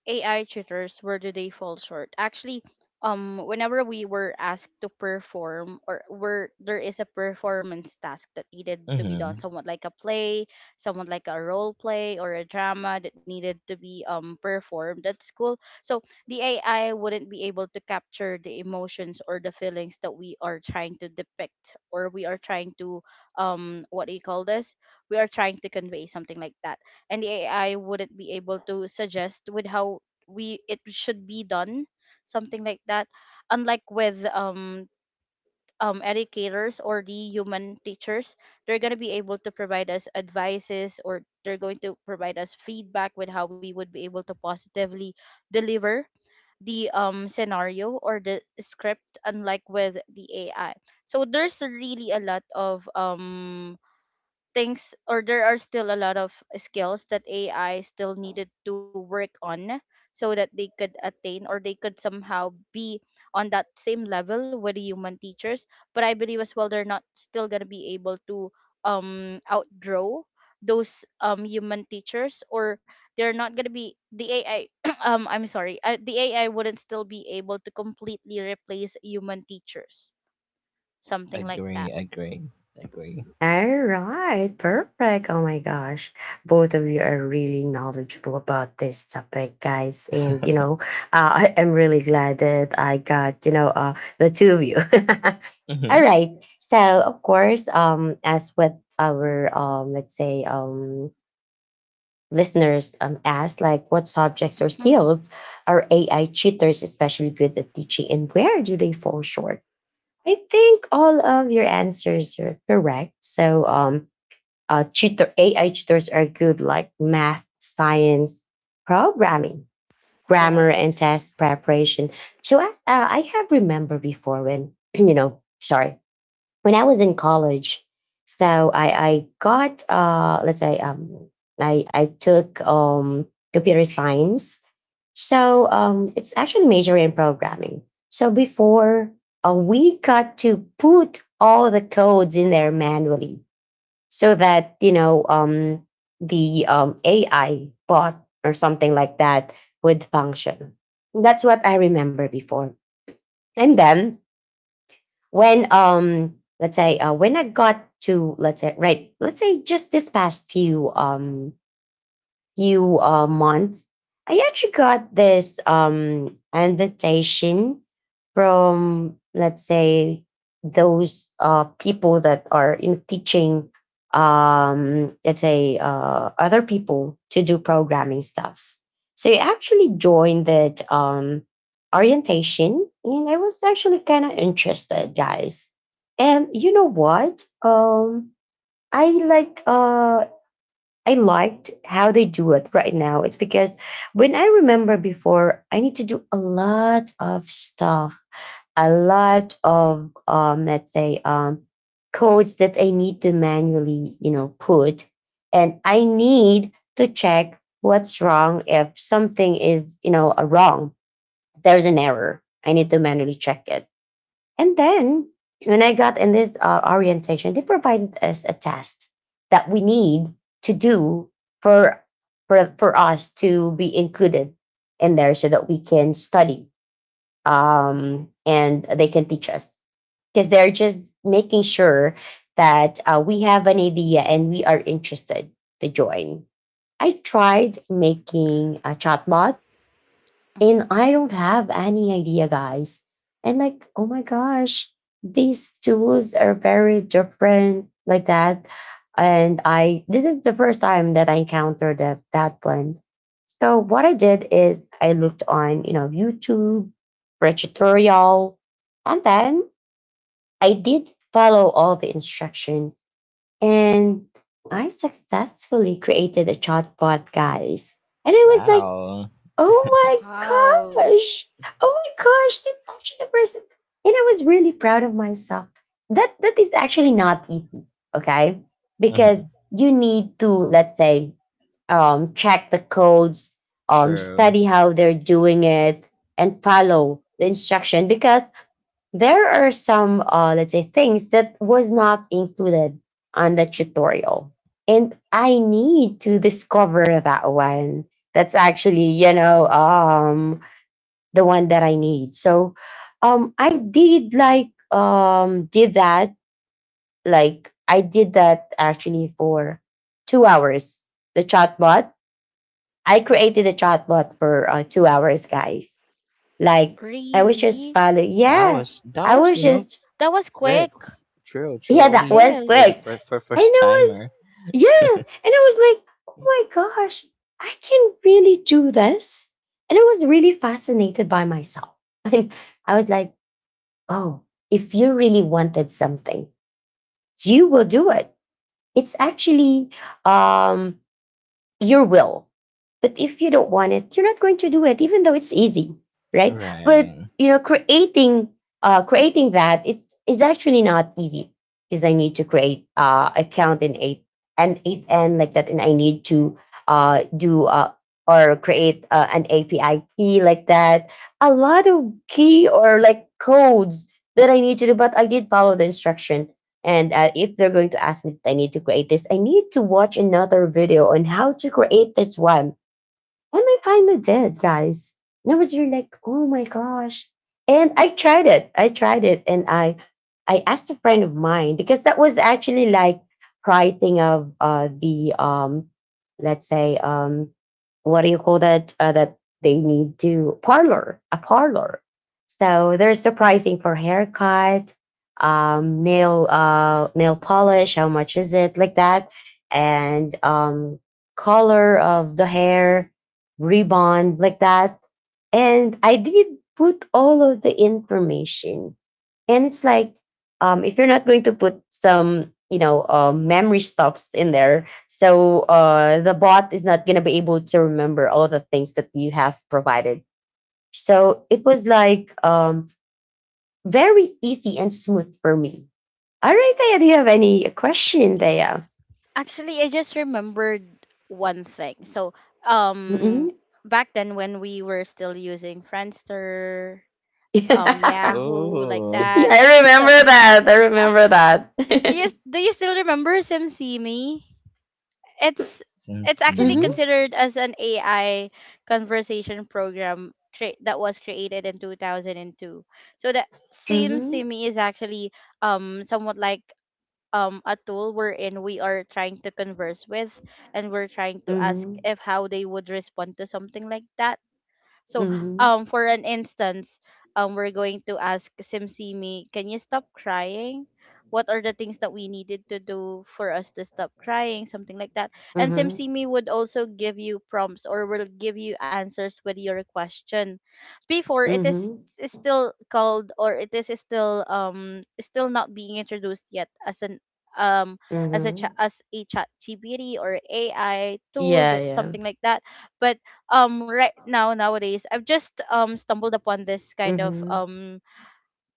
AI tutors, where do they fall short? Actually, whenever we were asked to perform, or where there is a performance task that needed to be done, Mhm. somewhat like a play, somewhat like a role play or a drama that needed to be performed at school. So the AI wouldn't be able to capture the emotions or the feelings that we are trying to depict, or we are trying to what do you call this? We are trying to convey, something like that, and the AI wouldn't be able to suggest with how we it should be done, something like that. Unlike with educators or the human teachers, they're gonna be able to provide us advices, or they're going to provide us feedback with how we would be able to positively deliver the scenario or the script, unlike with the AI. So there's really a lot of things, or there are still a lot of skills that AI still needed to work on so that they could attain, or they could somehow be on that same level with the human teachers. But I believe as well they're not still gonna be able to outgrow those human teachers, or they're not gonna be the AI I'm sorry, the AI wouldn't still be able to completely replace human teachers, something like Agree, that. agree. Agree. All right, perfect. Oh my gosh, both of you are really knowledgeable about this topic, guys. And you know, I am really glad that I got, you know, the two of you. All Mhm. right, so of course, as with our, let's say, listeners asked, like, Mm-hmm. what subjects or skills are AI cheaters especially good at teaching, and where do they fall short? I think all of your answers are correct. So AI tutors are good, like math, science, programming, grammar, and Yes. test preparation. I have remember before when, you know, sorry, when I was in college. So I got, let's say, I took computer science. So it's actually major in programming. So before we got to put all the codes in there manually, so that, you know, the AI bot or something like that would function. That's what I remember before. And then when let's say when I got to, let's say, right, let's say just this past few few months, I actually got this invitation from, let's say, those people that are in teaching let's say, other people to do programming stuffs. So I actually joined that orientation, and I was actually kind of interested, guys. And you know what? I like uh I liked how they do it right now. It's because when I remember before, I need to do a lot of stuff, a lot of let's say codes that I need to manually, you know, put, and I need to check what's wrong if something is, you know, a wrong. There's an error. I need to manually check it. And then when I got in this orientation, they provided us a test that we need to do for, for us to be included in there, so that we can study and they can teach us. Because they're just making sure that we have an idea and we are interested to join. I tried making a chatbot, Mm-hmm. and I don't have any idea, guys. And like, oh my gosh, these tools are very different, like that. And I This is the first time that I encountered that blend. So what I did is I looked on, you know, YouTube for a tutorial, and then I did follow all the instruction, and I successfully created a chatbot, guys. And I was like, Wow. oh my Wow, gosh! Oh my gosh! That's actually the person, and I was really proud of myself. That that is actually not easy, okay? Because Mhm. you need to, let's say, check the codes, True. study how they're doing it, and follow the instruction. Because there are some, let's say, things that was not included on the tutorial, and I need to discover that one. That's actually, you know, the one that I need. So, I did like did that, like, I did that actually for 2 hours. The chatbot. I created a chatbot for 2 hours, guys. Like, I was really? just follow. That Yeah, was that I was, was you know, just, That was quick. quick. True, true, yeah, at that least was for the like, Yes. and first, for I first timer. was, yeah, and I was like, oh Yeah. my gosh, I can really do this. And I was really fascinated by myself. And I was like, oh, if you really wanted something, you will do it. It's actually um, your will. But if you don't want it, you're not going to do it, even though it's easy, right? But Right. you know, creating that, it is actually not easy, because I need to create account in eight and eight n, like that, and I need to do or create an API key like that. A lot of key or like codes that I need to do, but I did follow the instruction. And If they're going to ask me that I need to create this, I need to watch another video on how to create this one and I kinda did, guys. And I was really like, oh my gosh. And I tried it. I tried it. And I asked a friend of mine because that was actually like writing of the let's say what do you call that? That they need to parlor. So there's the pricing for haircut, nail polish, how much is it? Like that. And color of the hair ribbon like that. And I did put all of the information. And if you're not going to put some, memory stuffs in there, so the bot is not going to be able to remember all the things that you have provided. So it was very easy and smooth for me. All right, Thea, do you have any question, Thea? Actually, I just remembered one thing. So, um, Mm-mm. back then when we were still using Friendster, Yeah, I Yahoo, like Oh, that. So, remember that. I uh, remember do you that. Still remember SimSimi? It's it's actually sashimi. Mhm. considered as an AI conversation program that was created in 2002. So that Mhm, SimSimi is actually somewhat like a tool wherein we are trying to converse with, and we're trying to ask mhm, if how they would respond to something like that. So, mhm, for an instance, we're going to ask Simsimi, can you stop crying? What are the things that we needed to do for us to stop crying? Something like that. And mhm, Simsimi would also give you prompts or will give you answers with your question. Before it is mhm, is still called, or it is still still not being introduced yet as an um as a mhm. as a chat GPT or AI tool Yeah, yeah. something like that. But right now, nowadays, I've just stumbled upon this kind of Mhm,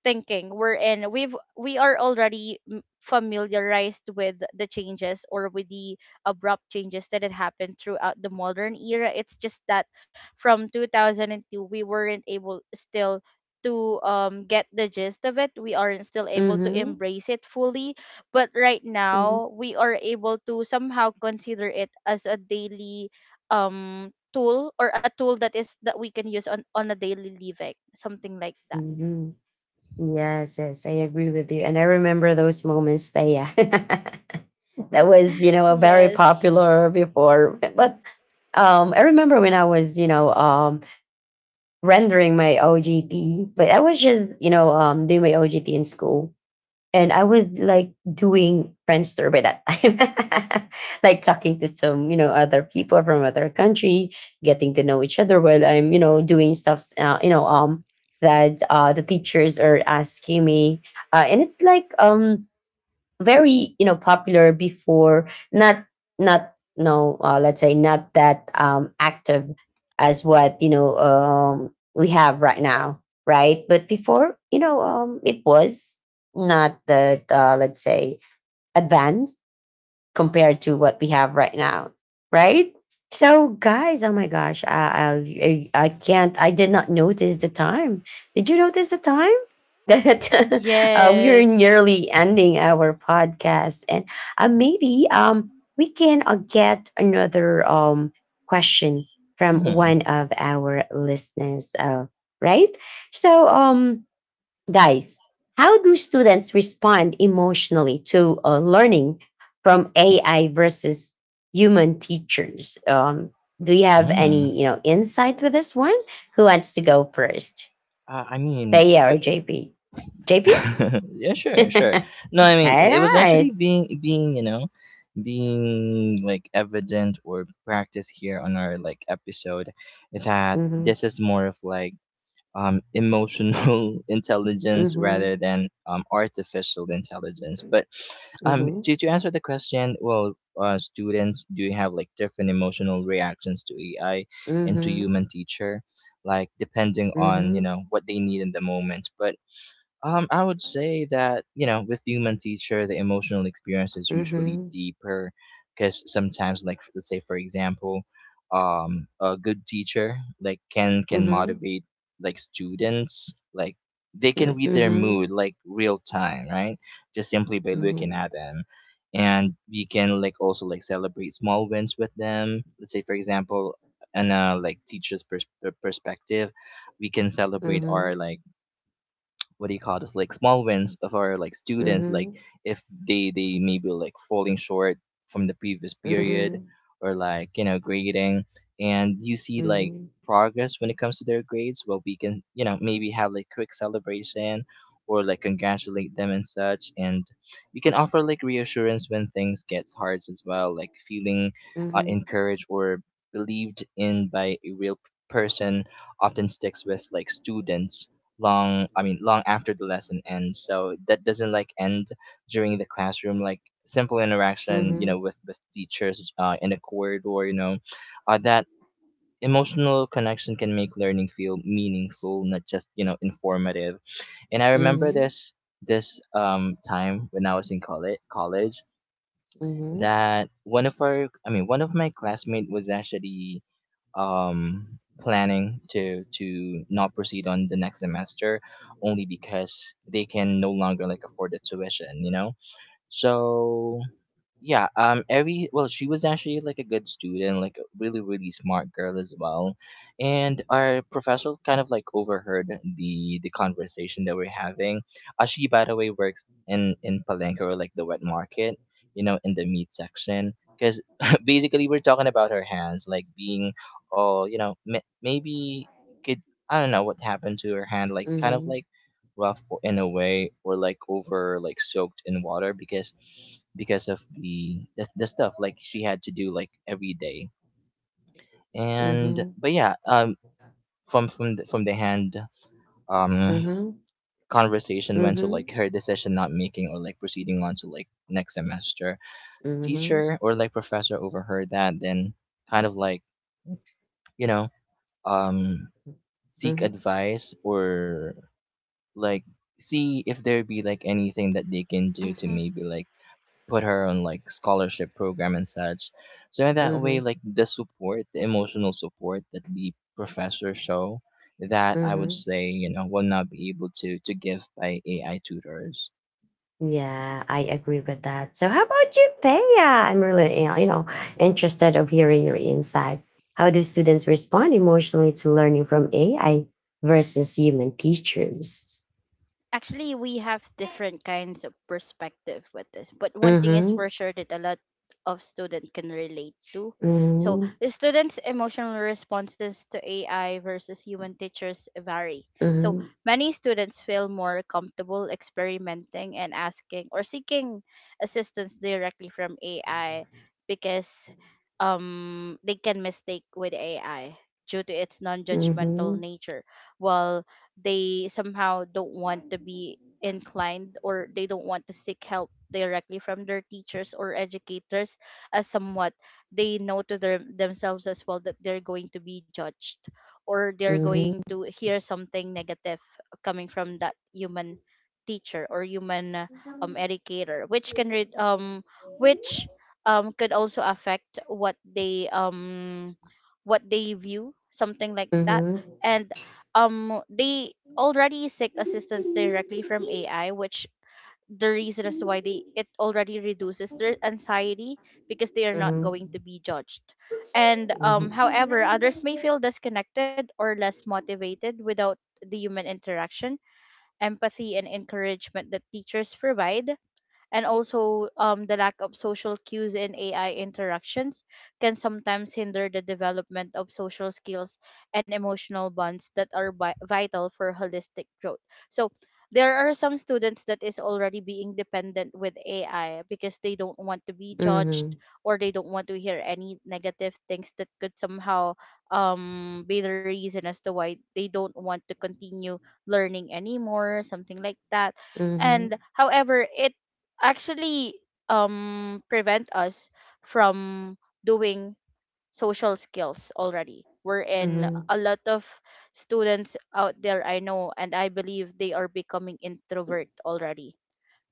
thinking wherein we are already familiarized with the changes, or with the abrupt changes that had happened throughout the modern era. It's just that from 2002 we weren't able still to get the gist of it. We aren't still able to mhm, embrace it fully, but right mhm, now we are able to somehow consider it as a daily tool, or a tool that is that we can use on a daily living, something like that. mhm. Yes, yes, I agree with you. And I remember those moments that yeah, that was, you know, a very Yes. popular before. But I remember when I was, you know, rendering my OGT, but I was just, you know, doing my OGT in school. And I was like doing Friendster by that time, like talking to some, you know, other people from other country, getting to know each other while I'm, you know, doing stuff, you know, that the teachers are asking me, and it's like very, you know, popular before, not not no, let's say not that active as what, you know, we have right now, right? But before, you know, it was not that, let's say, advanced compared to what we have right now, right? So, guys, oh my gosh, I, I can't. I did not notice the time. Did you notice the time? That we are Yes. nearly ending our podcast, and maybe we can, get another question from Mm, one of our listeners, right? So guys, how do students respond emotionally to learning from AI versus human teachers? Do you have any, mm. you know, insight with this one? Who wants to go first, Uh, I mean, Thea or w- JP? JP. yeah, All sure, sure. No, I mean, it was actually right. being, being, you know, being like evident or practice here on our like episode, that Mm-hmm. this is more of like emotional intelligence rather Mm-hmm. than artificial intelligence. But to answer the question, well, students do have like different emotional reactions to AI and to Mm-hmm. human teacher, like depending on you Mm-hmm. know what they need in the moment. But I would say that, you know, with human teacher, the emotional experience is usually Mm-hmm. deeper because sometimes, like, let's say, for example, a good teacher, like, can Mm-hmm. motivate, like, students, like, they can Mm-hmm. read their Mm-hmm. mood, like, real time, right? Just simply by Mm-hmm. looking Mm-hmm. at them. And we can, like, also, like, celebrate small wins with them. Let's say, for example, and like teacher's perspective, we can celebrate our like what do you call this like small wins of our like students, like, Mm-hmm. if they maybe like falling short from the previous period Mm-hmm. or like, you know, grading, and you see like Mm-hmm. progress when it comes to their grades. Well, we can, you know, maybe have like quick celebration or like congratulate them and such. And we can offer like reassurance when things gets hard as well, like feeling Mm-hmm. encouraged or believed in by a real person often sticks with like students long, I mean long after the lesson ends. So that doesn't like end during the classroom, like simple interaction, you know, Mhm, with teachers, in a corridor, you know. That emotional connection can make learning feel meaningful, not just, you know, informative. And I remember mhm, this, this time when I was in college mhm, that one of our, I mean one of my classmates was actually planning to not proceed on the next semester only because they can no longer like afford the tuition, you know. So yeah, every, well, she was actually like a good student, like a really really smart girl as well. And our professor kind of like overheard the conversation that we're having. She by the way works in palenque, or like the wet market, you know, in the meat section, because basically we're talking about her hands like being all, you know, maybe could, I don't know what happened to her hand, like kind of mhm, like rough, in a way, or like over, like, soaked in water, because of the the stuff like she had to do like every day. And mhm, but yeah, from from the hand um mhm, conversation went to mhm, like her decision not making, or like proceeding on to like next semester. mhm, Teacher or like professor overheard that, then kind of like, you know, um seek mhm, advice or like see if there be like anything that they can do to Hmm. maybe like put her on like scholarship program and such. So in that way, mhm, like the support, the emotional support that the professors show, that I would mhm. say, you know, will not be able to give by AI tutors. Yeah, I agree with that. So how about you, Thea? I'm really, you know, interested of hearing your insight. How do students respond emotionally to learning from AI versus human teachers? Actually, we have different kinds of perspective with this, but one thing is Mm-hmm. for sure that a lot of students can relate to. So, Mm-hmm. the students' emotional responses to AI versus human teachers vary. So, Mm-hmm. many students feel more comfortable experimenting and asking or seeking assistance directly from AI because they can mistake with AI due to its non-judgmental Mm-hmm. nature, while they somehow don't want to be inclined, or they don't want to seek help directly from their teachers or educators, as somewhat they know to their, themselves as well that they're going to be judged, or they're going to hear something negative coming from that human teacher or human Mm-hmm. educator, which can re- which could also affect what they view, something like that. Mm-hmm. And they already seek assistance directly from AI, which the reason is why they it already reduces their anxiety because they are not Mhm. going to be judged. And Mhm. Mhm. however, others Mhm. may feel disconnected or less motivated without the human interaction, empathy, and encouragement that teachers provide, and also the lack of social cues in AI interactions can sometimes hinder the development of social skills and emotional bonds that are vital for holistic growth. So there are some students that is already being dependent with AI because they don't want to be judged, or they don't want to hear any negative things that could somehow be the reason as to why they don't want to continue learning anymore, something like that. And Mhm. however it actually prevent us from doing social skills already, we're Mhm. in Mhm. a lot of students out there. I know, and I believe they are becoming introvert already,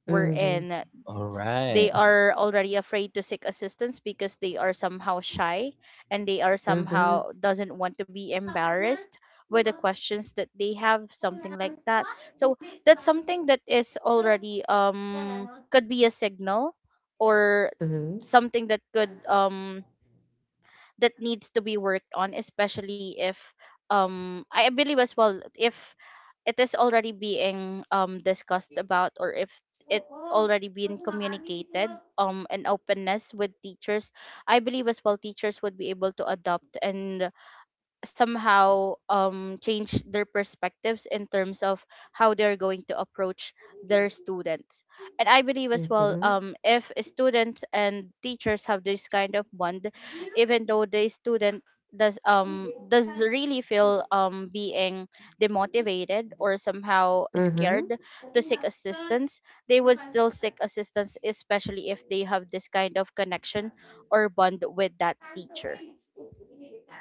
we're Mhm. in All they right. are already afraid to seek assistance because they are somehow shy, and they are somehow doesn't want to be embarrassed with the questions that they have, something like that. So that's something that is already could be a signal, or something that could that needs to be worked on, especially if I believe as well, if it is already being discussed about, or if it already been communicated and openness with teachers, I believe as well teachers would be able to adopt and somehow change their perspectives in terms of how they're going to approach their students. And I believe as well, if students and teachers have this kind of bond, Mhm. even though the student does really feel being demotivated or somehow Mhm. scared to seek assistance, they would still seek assistance, especially if they have this kind of connection or bond with that teacher.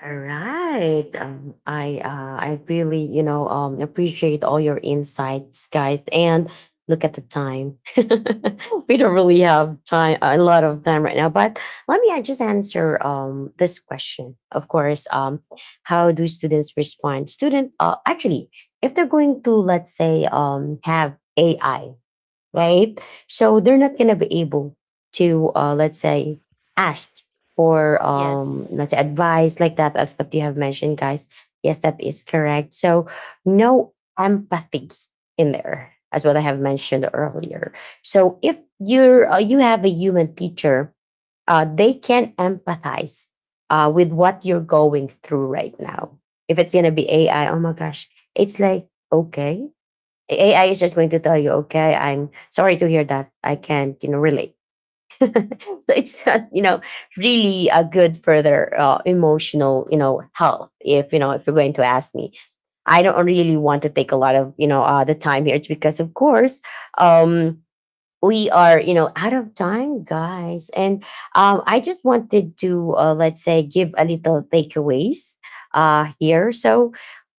All right. I really, you know, appreciate all your insights, guys. And look at the time. We don't really have time, a lot of time right now. But let me, just answer this question. Of course, how do students respond? Actually, if they're going to, let's say, have AI, right? So they're not gonna be able to, let's say, ask for Yes. let's say, advice like that, as what you have mentioned, guys. Yes, that is correct. So no empathy in there, as what I have mentioned earlier. So if you're you have a human teacher, they can empathize with what you're going through right now. If it's gonna be AI, oh my gosh, it's like, okay, AI is just going to tell you, okay, I'm sorry to hear that. I can't, you know, relate. So it's not, you know, really a good further, emotional, you know, health. If you know, if you're going to ask me, I don't really want to take a lot of, you know, the time here. It's because, of course, um, we are, you know, out of time, guys. And I just wanted to, let's say, give a little takeaways here. So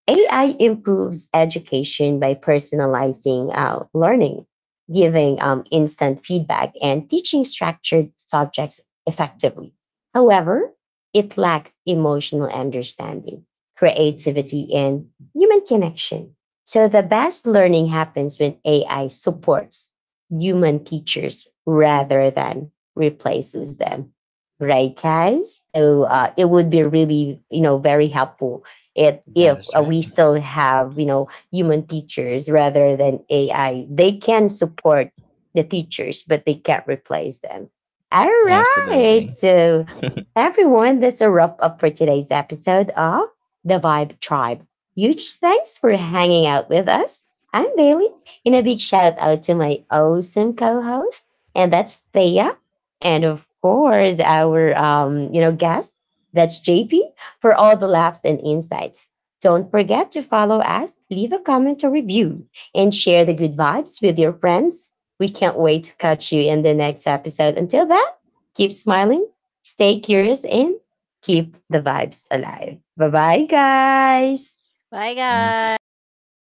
AI improves education by personalizing, learning, giving, instant feedback, and teaching structured subjects effectively. However, it lacks emotional understanding, creativity, and human connection. So the best learning happens when AI supports human teachers rather than replaces them. Right, guys? So it would be really, you know, very helpful it That if, is right. we still have, you know, human teachers rather than AI. They can support the teachers, but they can't replace them. All right. Absolutely. So everyone, that's a wrap up for today's episode of The Vibe Tribe. Huge thanks for hanging out with us. I'm Bailey, and a big shout out to my awesome co-host, and that's Thea. And of course, our you know, guest, that's JP, for all the laughs and insights. Don't forget to follow us, leave a comment or review, and share the good vibes with your friends. We can't wait to catch you in the next episode. Until then, keep smiling, stay curious, and keep the vibes alive. Bye bye, guys. Bye, Thank you. guys.